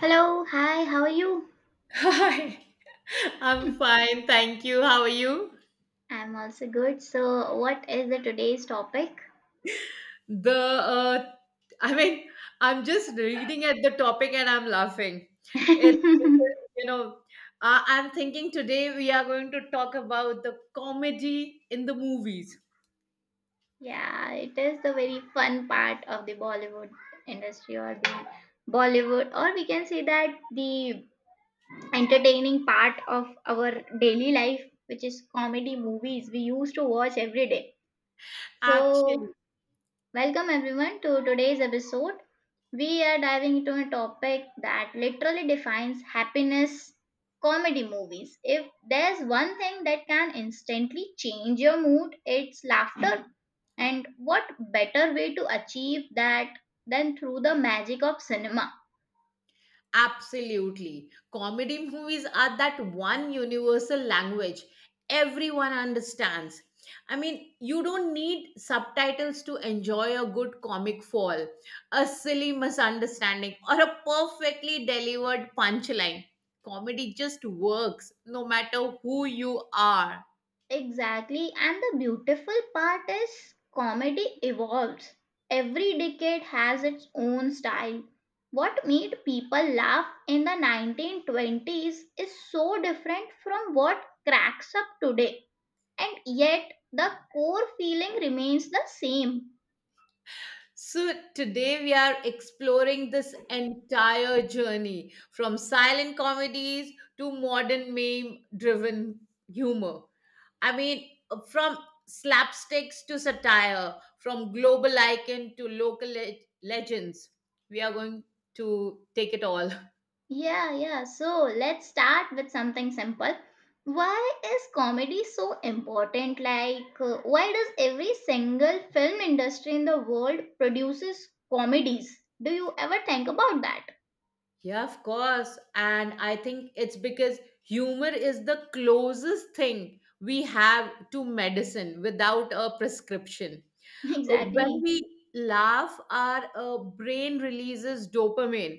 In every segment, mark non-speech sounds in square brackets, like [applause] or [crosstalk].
Hello, hi, how are you? Hi, [laughs] I'm fine, thank you. How are you? I'm also good. So, what is the today's topic? The I mean, I'm just reading at the topic and I'm laughing. [laughs] It's Yeah, because, I'm thinking today we are going to talk about the comedy in the movies. it is the very fun part of the Bollywood industry or the Bollywood or we can say that the entertaining part of our daily life which is comedy movies we used to watch every day. So, Actually, welcome everyone to today's episode. We are diving into a topic that literally defines happiness comedy movies. If there's one thing that can instantly change your mood, it's laughter. And what better way to achieve that than through the magic of cinema? absolutely. Comedy movies are that one universal language everyone understands. I mean, you don't need subtitles to enjoy a good comic fall, a silly misunderstanding, or a perfectly delivered punchline. Comedy just works no matter who you are. Exactly, and the beautiful part is comedy evolves. Every decade has its own style. What made people laugh in the 1920s is so different from what cracks up today, and yet the core feeling remains the same. So, today we are exploring this entire journey from silent comedies to modern meme driven humor. I mean, from slapsticks to satire, from global icon to legends. We are going to take it all. [laughs] Yeah, yeah. So let's start with something simple. Why is comedy so important? Like, why does every single film industry in the world produces comedies? Do you ever think about that? Yeah, of course. And I think it's because humor is the closest thing we have to medicine without a prescription. [laughs] When Exactly. we laugh, our brain releases dopamine.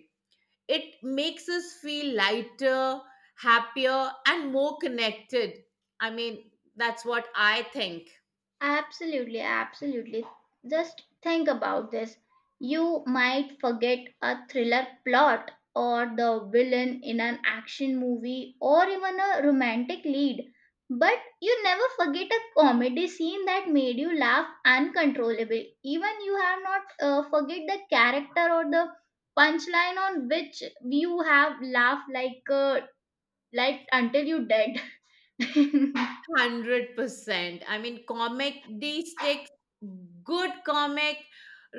It makes us feel lighter, happier, and more connected. I mean, that's what I think. Absolutely, absolutely. Just think about this. You might forget a thriller plot or the villain in an action movie or even a romantic lead, but you never forget a comedy scene that made you laugh uncontrollably. Even you have not forget the character or the punchline on which you have laughed like until you dead. [laughs] 100%. I mean, comedy sticks, good comic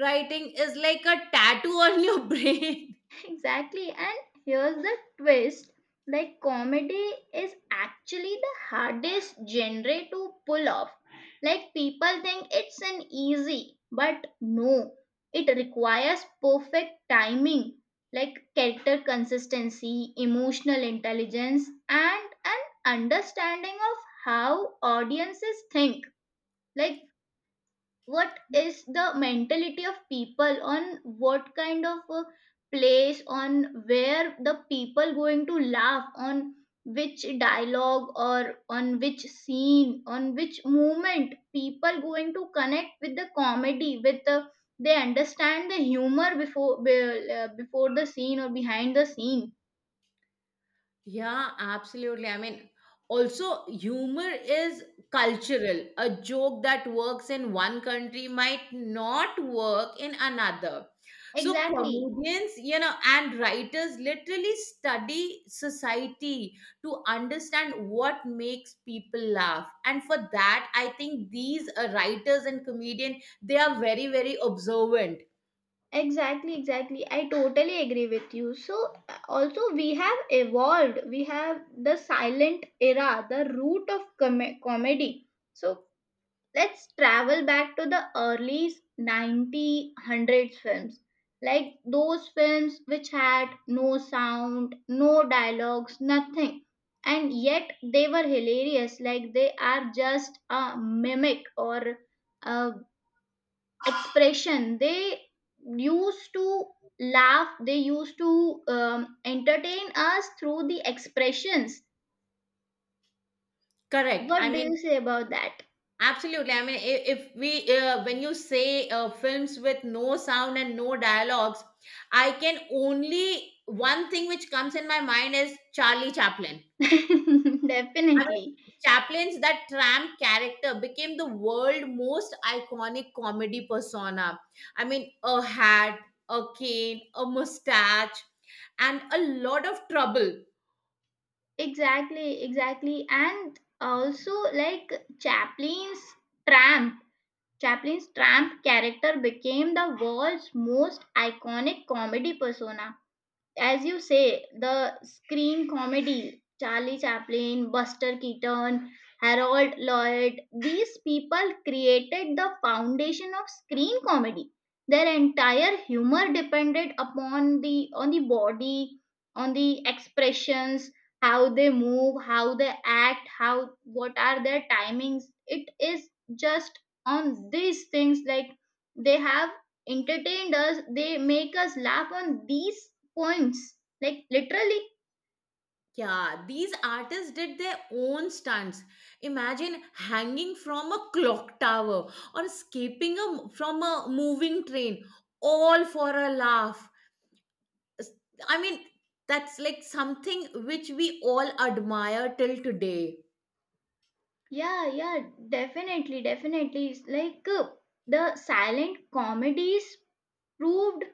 writing is like a tattoo on your [laughs] brain. Exactly, and here's the twist like, comedy is actually the hardest genre to pull off. Like, people think it's an easy, but no, it requires perfect timing, like character consistency, emotional intelligence, and an understanding of how audiences think. Like, what is the mentality of people on what kind of a place on where the people going to laugh on which dialogue or on which scene on which moment people going to connect with the comedy with the they understand the humor before the scene or behind the scene. Yeah, absolutely. I mean, also, humor is cultural. A joke that works in one country might not work in another. So, Exactly comedians, you know, and writers literally study society to understand what makes people laugh. And for that, I think these writers and comedian, they are very, very observant. Exactly, exactly. I totally agree with you. So, also, we have evolved. We have the silent era, the root of comedy. So, let's travel back to the early 90 hundreds films. Like those films which had no sound, no dialogues, nothing. And yet they were hilarious. Like they are just a mimic or a expression they used to laugh they used to entertain us through the expressions. Correct. What do you say about that? Absolutely. I mean, I- if we, when you say films with no sound and no dialogues, I can one thing which comes in my mind is Charlie Chaplin. [laughs] I mean, Definitely. Chaplin's that tramp character became the world most iconic comedy persona. I mean, a hat, a cane, a mustache, and a lot of trouble. Exactly, exactly, and also like chaplin's tramp chaplin's tramp character became the world's most iconic comedy persona. As you say, the screen comedy, Charlie Chaplin, Buster Keaton, Harold Lloyd, these people created the foundation of screen comedy. Their entire humor depended upon the on the body, on the expressions, how they move, how they act, how what are their timings. It is just on these things like they have entertained us they make us laugh on these poems, like literally. Yeah, these artists did their own stunts. Imagine hanging from a clock tower or escaping from a moving train, all for a laugh. S- I mean, that's like something which we all admire till today. Yeah, yeah, definitely, definitely. It's like the silent comedies proved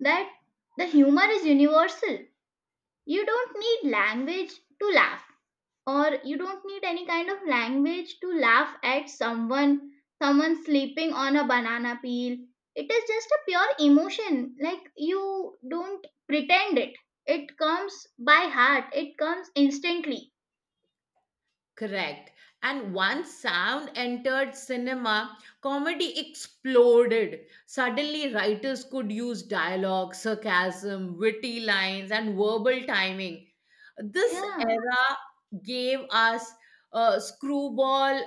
that the humor is universal. You don't need language to laugh, or you don't need any kind of language to laugh at someone, someone sleeping on a banana peel. It is just a pure emotion. Like you don't pretend it. It comes by heart. It comes instantly. Correct. And once sound entered cinema, comedy exploded. Suddenly, writers could use dialogue, sarcasm, witty lines, and verbal timing. This Yeah. era gave us screwball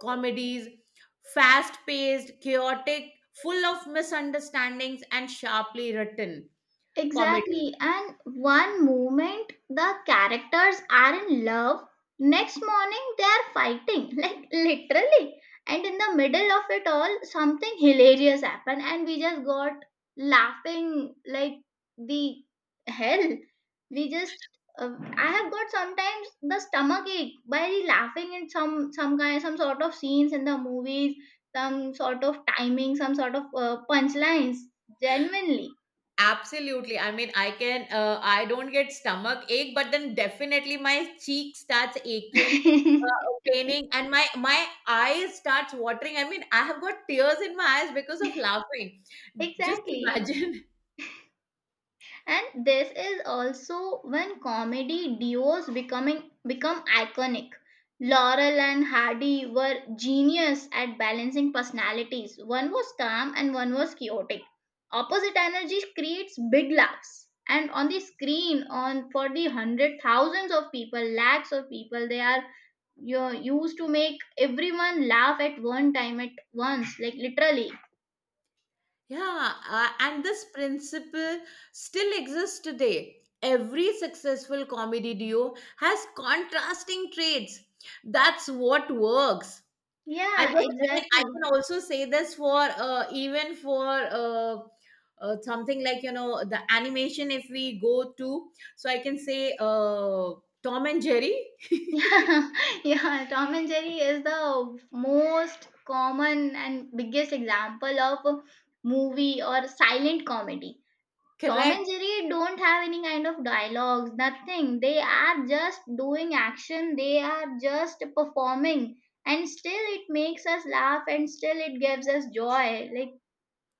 comedies, fast paced, chaotic, full of misunderstandings, and sharply written comedy. Exactly. And one moment the characters are in love, next morning they are fighting, [laughs] like literally. And in the middle of it all, something hilarious happened, and we just got laughing like the hell. We just, uh, I have got sometimes the stomach ache by laughing in some kind, some sort of scenes in the movies, some sort of timing, some sort of punchlines. Genuinely. Absolutely. I don't get stomach ache, but then definitely my cheek starts aching, [laughs] paining, and my eyes starts watering. I mean, I have got tears in my eyes because of laughing. Just Exactly, imagine. [laughs] and this is also when comedy duos becoming become iconic. Laurel and Hardy were genius at balancing personalities, one was calm and one was chaotic. Opposite energies creates big laughs and on the screen on for the hundred thousands of people, lakhs of people, they are used to make everyone laugh at one time at once, like literally. Yeah, and this principle still exists today. Every successful comedy duo has contrasting traits. That's what works. I guess. Yeah, I exactly. can also say this for even for something like, you know, the animation. If we go to, so I can say Tom and Jerry. Yeah, [laughs] yeah, Tom and Jerry is the most common and biggest example of a movie or silent comedy. Tom Correct. and Jerry don't have any kind of dialogues, nothing. They are just doing action, they are just performing, and still it makes us laugh and still it gives us joy. Like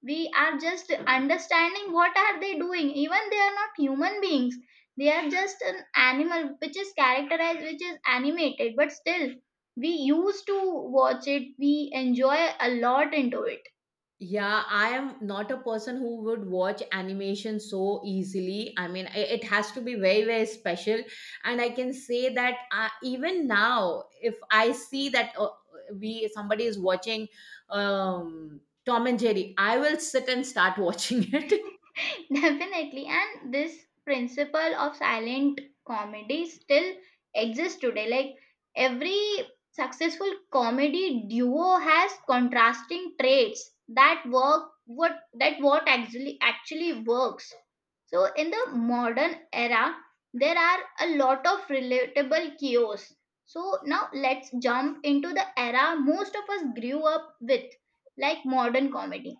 we are just understanding what are they doing, even they are not human beings, they are just an animal which is characterized, which is animated, but still we used to watch it we enjoy a lot into it. Yeah, I am not a person who would watch animation so easily. I mean, it has to be very, very special, and I can say that even now if I see that we somebody is watching Tom and Jerry, I will sit and start watching it. [laughs] [laughs] Definitely, and this principle of silent comedy still exists today. Like every successful comedy duo has contrasting traits that work what that what actually works. So in the modern era, there are a lot of relatable chaos. So now let's jump into the era most of us grew up with, like modern comedy.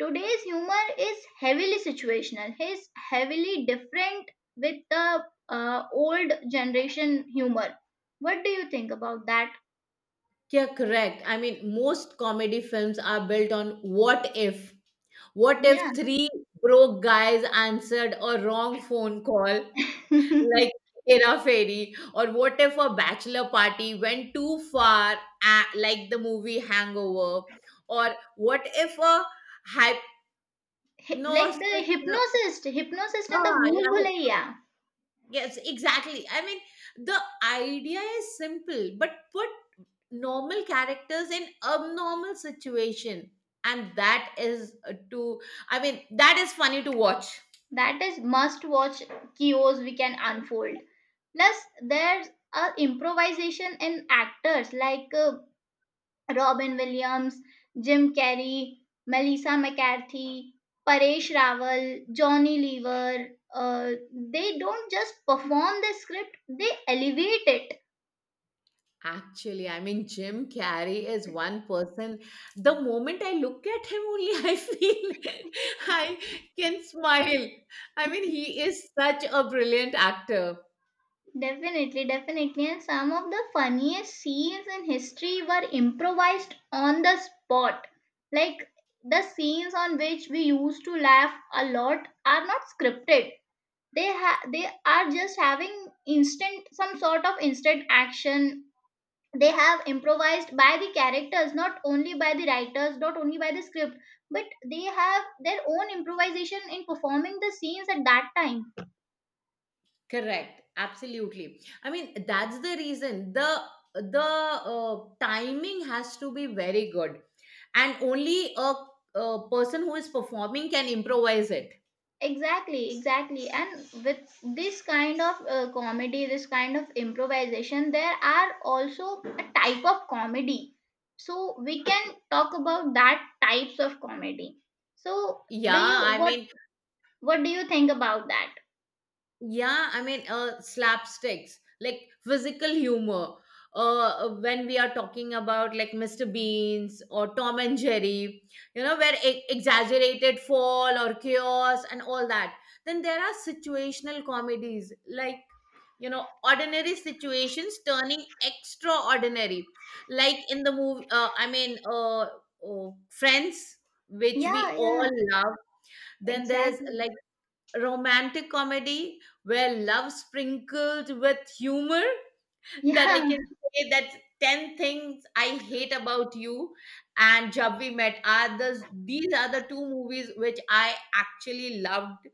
Today's humor is heavily situational. It's heavily different with the old generation humor. What do you think about that? Yeah, correct. I mean, most comedy films are built on what if. What Yeah. if three broke guys answered a wrong phone call [laughs] like Hy- Hera Fairy? Or what if a bachelor party went too far, like the movie Hangover? Or what if a like the hypnostic. hypnosist, in the Ah, Bhool yeah, Bhulaiya. yes, exactly. I mean, the idea is simple, but put normal characters in abnormal situation, and that is to I mean that is funny to watch. That is must watch kios we can unfold. Plus, there's a improvisation in actors like Robin Williams, Jim Carrey, Melissa McCarthy, Paresh Rawal, Johnny Lever. They don't just perform the script, they elevate it. Actually, I mean, Jim Carrey is one person. The moment I look at him only, [laughs] I feel I can smile. I mean, he is such a brilliant actor. Definitely, definitely. And some of the funniest scenes in history were improvised on the spot. Like the scenes on which we used to laugh a lot are not scripted. They are just having instant some sort of instant action they have improvised by the characters not only by the writers not only by the script but they have their own improvisation in performing the scenes at that time. Correct. Absolutely. I mean, that's the reason the timing has to be very good, and only a person who is performing can improvise it. Exactly, exactly, and with this kind of comedy, this kind of improvisation, there are also a type of comedy. So we can talk about that types of comedy. So Yeah, do you I what mean, what do you think about that? Yeah, I mean, slapsticks, like physical humor. When we are talking about like Mr. Beans or Tom and Jerry, you know, where exaggerated fall or chaos and all that. Then there are situational comedies, like, you know, ordinary situations turning extraordinary. Like in the movie, Friends, which Yeah, we all yeah, love. Then there's exactly. like romantic comedy where love sprinkled with humor. [laughs] That I Yeah. can say that 10 things I hate about you and Jab We Met are these are the two movies which I actually loved.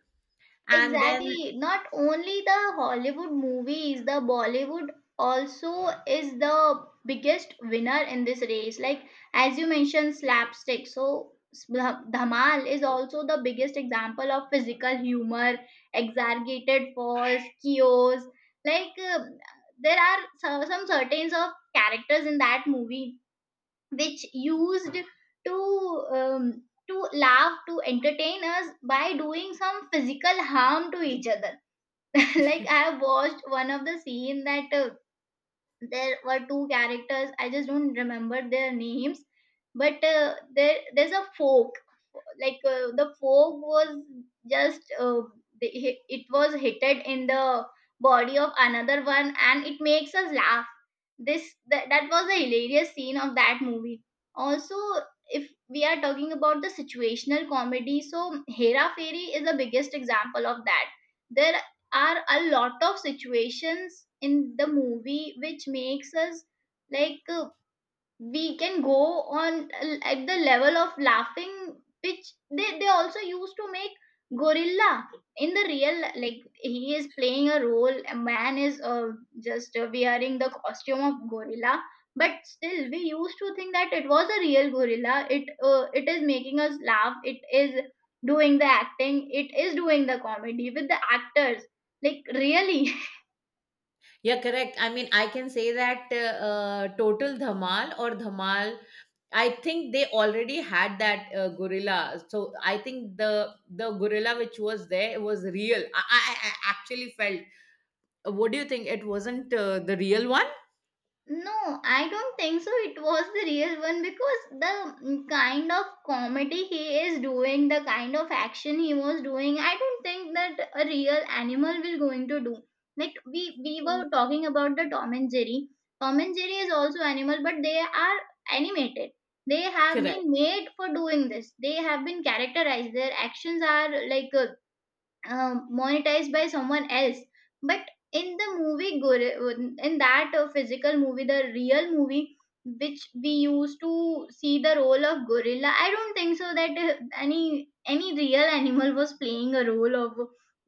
And then, Exactly. Not only the Hollywood movies, the Bollywood also is the biggest winner in this race. Like as you mentioned, slapstick. So Dhamal is also the biggest example of physical humor, exaggerated falls, chaos. Like there are some certain of characters in that movie which used to um, to laugh to entertain us by doing some physical harm to each other. [laughs] Like I have watched one of the scene that there were two characters I just don't remember their names but there's a fork like the fog was just the, it was hitted in the body of another one and it makes us laugh this that was a hilarious scene of that movie. Also if we are talking about the situational comedy so Hera Fairy is the biggest example of that. There are a lot of situations in the movie which makes us like we can go on at the level of laughing which they also used to make gorilla in the real like he is playing a role, a man is just wearing the costume of gorilla but still we used to think that it was a real gorilla it is making us laugh it is doing the acting it is doing the comedy with the actors like really. [laughs] yeah, correct. I mean, I can say that Total Dhamal or Dhamal, I think they already had that gorilla. So I think the gorilla which was there was real. I actually felt, what do you think? It wasn't the real one? No, I don't think so. It was the real one because the kind of comedy he is doing, the kind of action he was doing, I don't think that a real animal will going to do. Like we were talking about the Tom and Jerry. Tom and Jerry is also animal, but they are animated. They have Correct. been made for doing this. They have been characterized. Their actions are like monetized by someone else, but in the movie in that physical movie, the real movie which we used to see the role of gorilla, I don't think so that any real animal [laughs] was playing a role of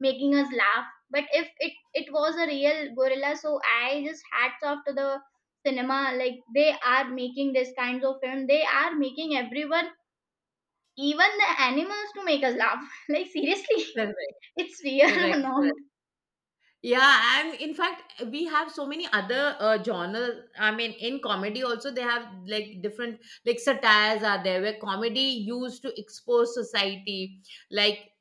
making us laugh. But if it was a real gorilla, so I just hats off to the cinema, like they are making this kinds of film, they are making everyone, even the animals, to make us laugh [laughs] like seriously Correct, it's real [laughs] or correct, not. correct. Yeah, and in fact, we have so many other genre. I mean, in comedy also they have like different, like satires are there where comedy used to expose society, like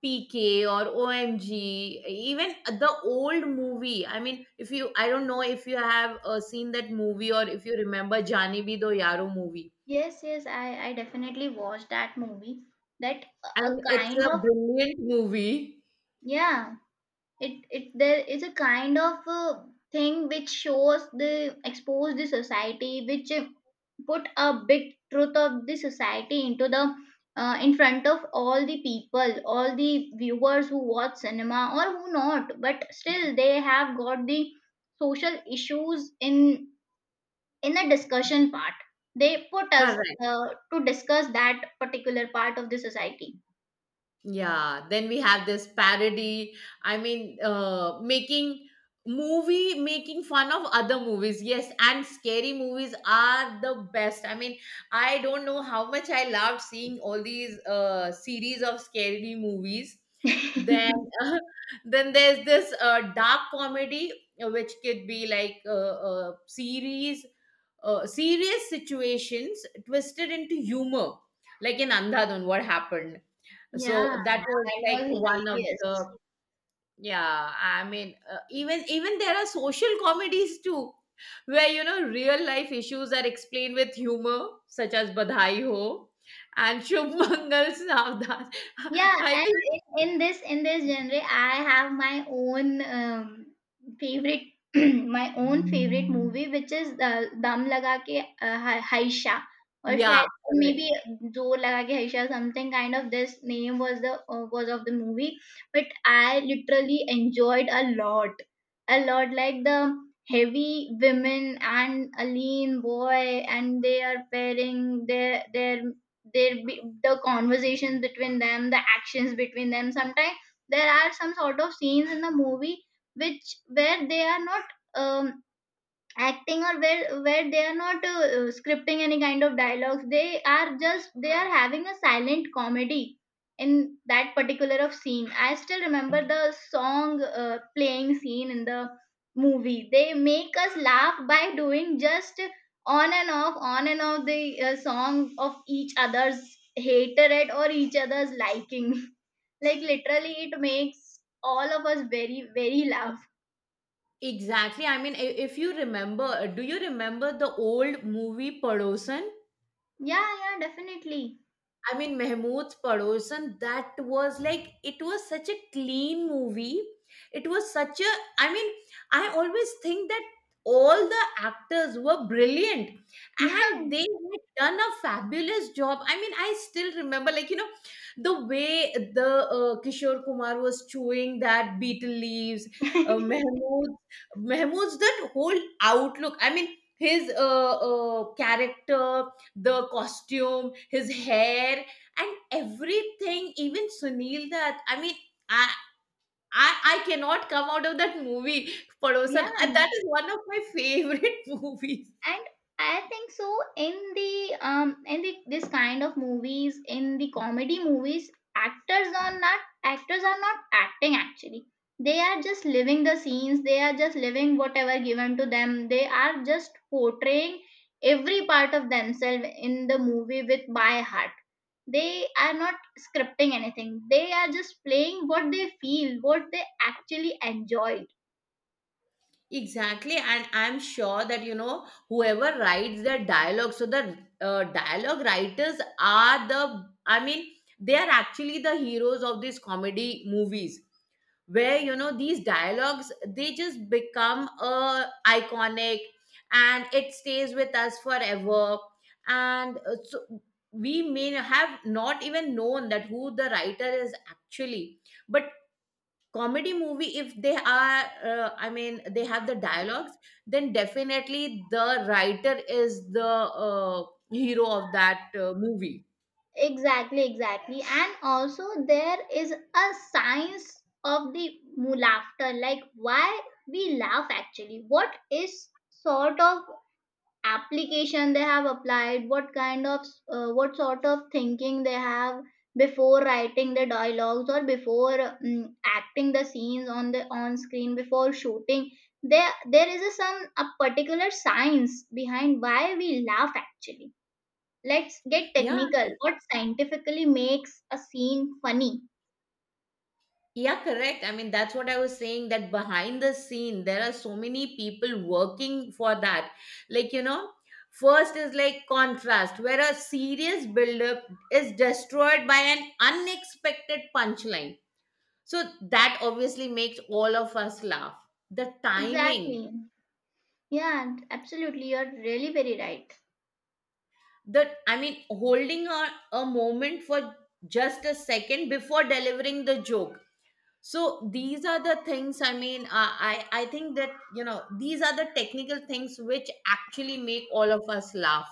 PK or OMG, even the old movie. I mean, if you, I don't know if you have seen that movie or if you remember Jani Bhi Do Yaro movie. Yes, I definitely watched that movie, that a I a mean, it's kind a of, brilliant movie. yeah, it there is a kind of thing which shows the expose the society, which put a big truth of the society into the, in front of all the people, all the viewers who watch cinema or who not, but still they have got the social issues in the discussion part, they put us Correct. uh, to discuss that particular part of the society. Yeah. Then we have this parody. I mean, making Movie making fun of other movies. Yes, and scary movies are the best. I mean, I don't know how much I loved seeing all these series of scary movies. [laughs] Yeah, Then, [laughs] then there's this dark comedy, which could be like a series serious situations twisted into humor, like in Andhadhun, what happened. So that was that like was one of hilarious. the, yeah. I mean, even even there are social comedies too, where, you know, real life issues are explained with humor, such as Badhai Ho and Shubh Mangal Savdas. Yeah, [laughs] I and think in this genre, I have my own favorite [clears throat] my own favorite movie, which is Dam Laga Ke Haisha, or yeah, shayad, maybe correct. Zor Laga Ke Haisha, something kind of this name was the was of the movie. But I literally enjoyed a lot, a lot, like the heavy women and a lean boy, and they are pairing their there be the conversations between them, the actions between them. Sometimes there are some sort of scenes in the movie which, where they are not um, acting, or where they are not scripting any kind of dialogues, they are just, they are having a silent comedy. In that particular of scene, I still remember the song playing scene in the movie, they make us laugh by doing just on and off, on and off the song of each other's hatred or each other's liking. [laughs] Like literally it makes all of us very laugh. Exactly. I mean, if you remember, do you remember the old movie Padosan? Yeah, yeah, definitely. I mean, Mehmood's Padosan, that was like, it was such a clean movie. It was such a, I mean, I always think that all the actors were brilliant [laughs] Yeah. and they had done a fabulous job. I mean, I still remember, like, you know, the way the Kishore Kumar was chewing that beetle leaves, uh, [laughs] Mehmood, Mehmood's that whole outlook. I mean, his character, the costume, his hair, and everything. Even Sunil Dutt. I mean, I I cannot come out of that movie, Padosan. Yeah, That and is one of my favorite [laughs] movies. I think so, in the in the this kind of movies, in the comedy movies, actors are not actors are not acting actually. They are just living the scenes, they are just living whatever given to them, they are just portraying every part of themselves in the movie with by heart. They are not scripting anything, they are just playing what they feel, what they actually enjoy. Exactly, and I'm sure that, you know, whoever writes the dialogue. So the dialogue writers are the. I mean, they are actually the heroes of these comedy movies, where, you know, these dialogues they just become iconic, and it stays with us forever. And so we may have not even known that who the writer is actually. But comedy movie, if they are, they have the dialogues, then definitely the writer is the hero of that movie. Exactly, exactly. And also there is a science of the laughter, like why we laugh actually. What is sort of application they have applied? What kind of what sort of thinking they have before writing the dialogues or before acting the scenes on the on screen before shooting? There is a some a particular science behind why we laugh actually. Let's get Yeah, technical. What scientifically makes a scene funny? yeah, correct. I mean, that's what I was saying that behind the scene, there are so many people working for that. Like, you know, first is like contrast, where a serious buildup is destroyed by an unexpected punchline. So that obviously makes all of us laugh. The timing, Exactly. Yeah, absolutely. You're really very right. that I mean, holding on a moment for just a second before delivering the joke. So these are the things. I think that, you know, these are the technical things which actually make all of us laugh.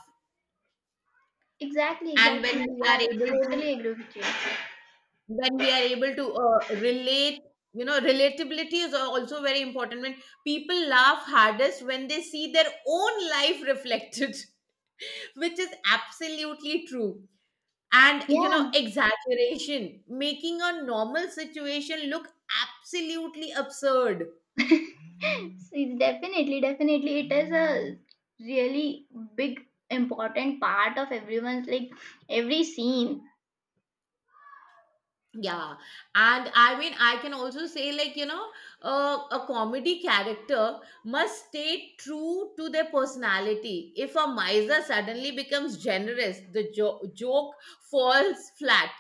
Exactly, And when exactly. we are I able to, totally agree with you. when we are able to relate, you know, relatability is also very important when people laugh hardest when they see their own life reflected, [laughs] which is absolutely true. And, you know, Yeah. exaggeration, making a normal situation look absolutely absurd. [laughs] See, definitely, definitely. It is a really big important part of everyone's, like every scene. Yeah, and I mean, I can also say, like, you know, a comedy character must stay true to their personality. If a miser suddenly becomes generous, the joke falls flat.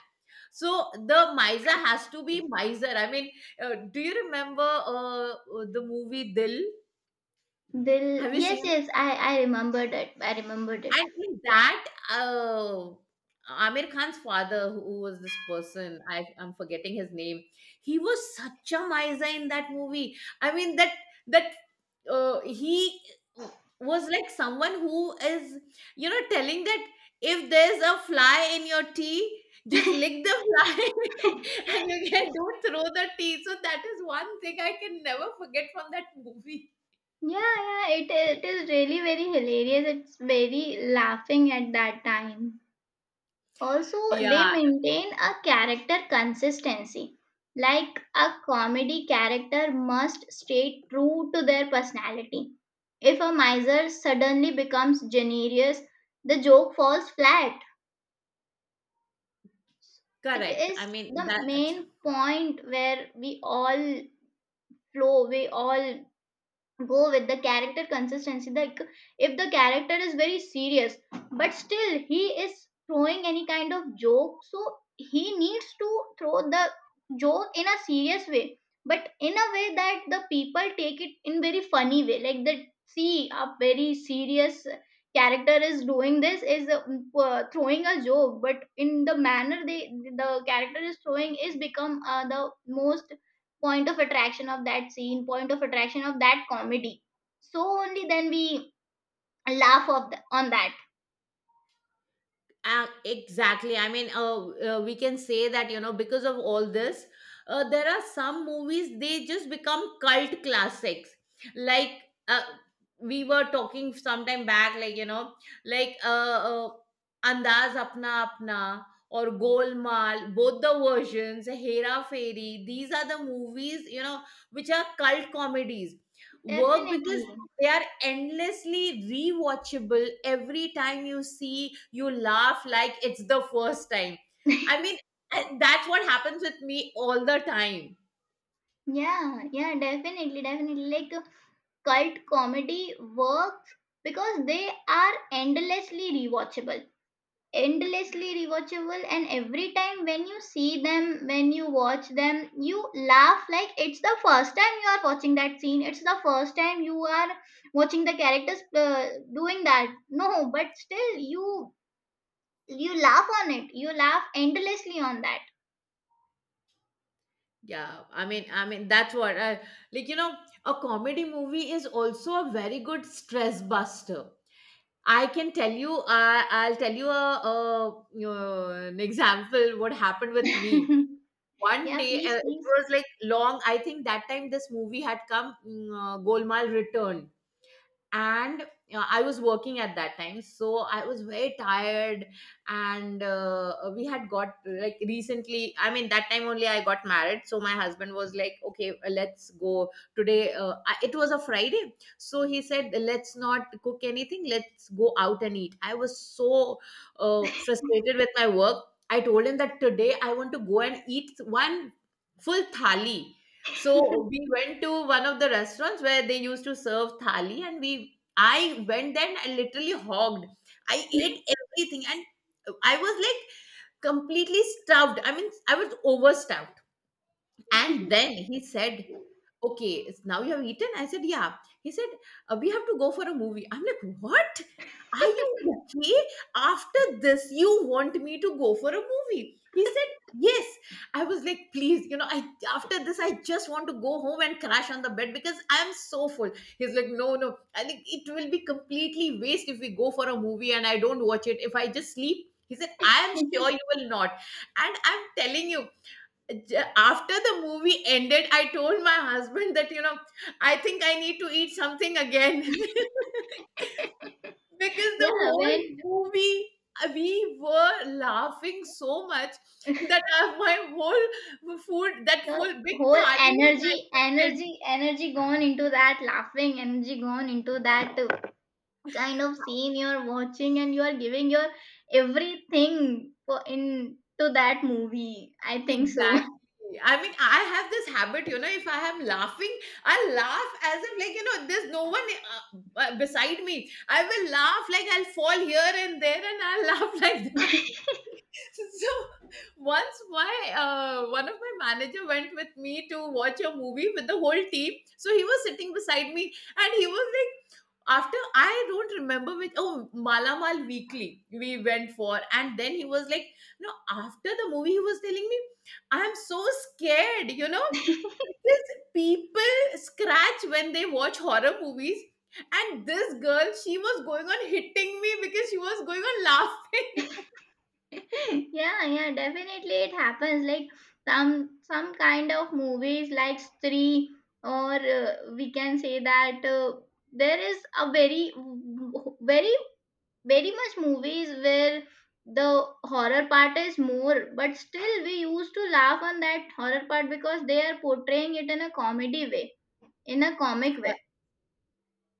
So the miser has to be miser. I mean, do you remember the movie Dil? They'll, Have you yes, seen? yes, I remembered it. I remembered it. And in that, uh, Amir Khan's father, who was this person, I'm forgetting his name. He was such a miser in that movie. I mean that that he was like someone who is, you know, telling that if there's a fly in your tea, just lick the fly, [laughs] and you can don't throw the tea. So that is one thing I can never forget from that movie. Yeah, yeah, it is really very hilarious. It's very laughing at that time. Also, they Yeah, maintain a character consistency. Like a comedy character must stay true to their personality. If a miser suddenly becomes generous, the joke falls flat. It correct. I is mean the that, main point where we all flow, we all go with the character consistency. Like if the character is very serious but still he is throwing any kind of joke, so he needs to throw the joke in a serious way, but in a way that the people take it in very funny way, like that, see a very serious character is doing this, is throwing a joke, but in the manner they the character is throwing is become the most point of attraction of that scene, point of attraction of that comedy. So only then we laugh of the, on that. Exactly. I mean, we can say that, you know, because of all this, there are some movies, they just become cult classics. Like, uh, we were talking sometime back, like, you know, like uh, uh, Andaz Apna Apna or Golmaal, both the versions, Hera Fairy, these are the movies, you know, which are cult comedies. Work because Definitely. they are endlessly rewatchable, every time you see you laugh like it's the first time, I mean. And that's what happens with me all the time. [laughs] Yeah, yeah, definitely, definitely, like cult comedy works because they are endlessly rewatchable, endlessly rewatchable, and every time when you see them, when you watch them, you laugh like it's the first time you are watching that scene, it's the first time you are watching the characters doing that. No, but still you, you laugh on it, you laugh endlessly on that. Yeah, I mean that's what like, a comedy movie is also a very good stress buster. I can tell you, I'll tell you a you an example what happened with me [laughs] one Yeah, day. Please, It please. was like long, I think. That time this movie had come, Golmaal Returned. And, I was working at that time, so I was very tired. And we had got, like, recently, I mean, that time only I got married, so my husband was like, okay, let's go today. It was a Friday, so he said, let's not cook anything, let's go out and eat. I was so frustrated with my work. I told him that today I want to go and eat one full thali. So we went to one of the restaurants where they used to serve thali, and we I went there and I literally hogged. I ate everything, and I was like completely stuffed. I mean, I was overstuffed. And then he said, okay, it's now you have eaten? I said, yeah. He said, we have to go for a movie. I'm like, what? Are you okay? After this, you want me to go for a movie? He said, yes. I was like, please, you know, I after this, I just want to go home and crash on the bed because I'm so full. He's like, no, no. I think it will be completely waste if we go for a movie and I don't watch it. If I just sleep, he said, I am sure you will not. And I'm telling you, after the movie ended, I told my husband that, I think I need to eat something again. [laughs] [laughs] Because the Yeah, whole when movie, we were laughing so much that my whole food, that the full big whole thali, was energy digested. energy energy gone into that laughing, energy gone into that kind of scene you're watching, and you're giving your everything for in to that movie, I think so. [laughs] Exactly. I mean, I have this habit, if I am laughing, I laugh as if, like, there's no one beside me. I will laugh like, I'll fall here and there, and I'll [laughs] laugh like Yeah, that. [laughs] So once my, one of my manager went with me to watch a movie with the whole team. So he was sitting beside me, and he was like, after, I don't remember which, oh, Malamal Weekly we went for, and then he was like, no, after the movie he was telling me, I am so scared, because people scratch when they watch horror movies. And this girl, she was going on hitting me because she was going on laughing. yeah, definitely it happens. Like some kind of movies like Stree, or we can say that there is a very, very, very much movies where the horror part is more, but still we used to laugh on that horror part because they are portraying it in a comedy way, in a comic way,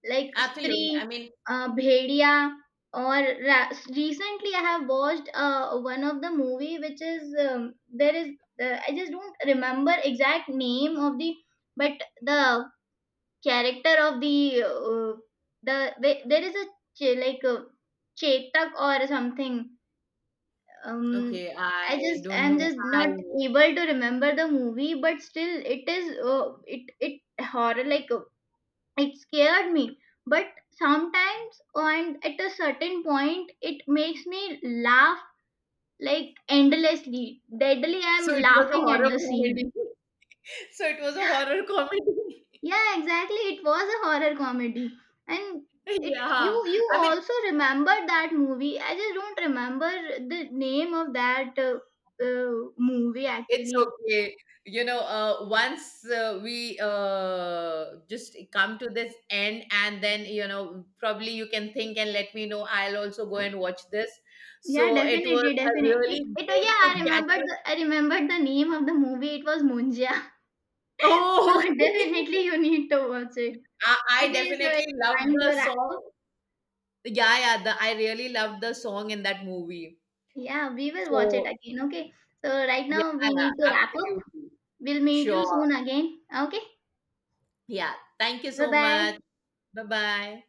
like Absolutely. I Stree, mean, Bhedia, or recently I have watched one of the movie which is there is I just don't remember exact name of the, but the character of the the, there is a like a Chetak or something, um okay, I I just, don't I'm know. just I not able to remember the movie, but still it is it horror, like it scared me, but sometimes and at a certain point it makes me laugh, like endlessly, deadly [laughs] I'm so it was a laughing at horror the scene. comedy. [laughs] So it was a horror comedy. Yeah, exactly, it was a horror comedy. And [laughs] it, Yeah, you I mean, also remember that movie, I just don't remember the name of that uh, movie it's actually. okay. Once we just come to this end, and then, probably you can think and let me know. I'll also go and watch this. Yeah, So it was definitely, a definitely. really It, oh good yeah, to catch up. I remembered the name of the movie. It was Munja. [laughs] So Oh, [laughs] okay. definitely you need to watch it. I Okay, so definitely it's love time the to wrap song. up. Yeah, yeah. I really love the song in that movie. Yeah, we will watch it So again. Okay, so right yeah, now we need to wrap up. absolutely. We'll meet Sure. you soon again. Okay, Yeah. Thank you bye so much. bye. Bye bye.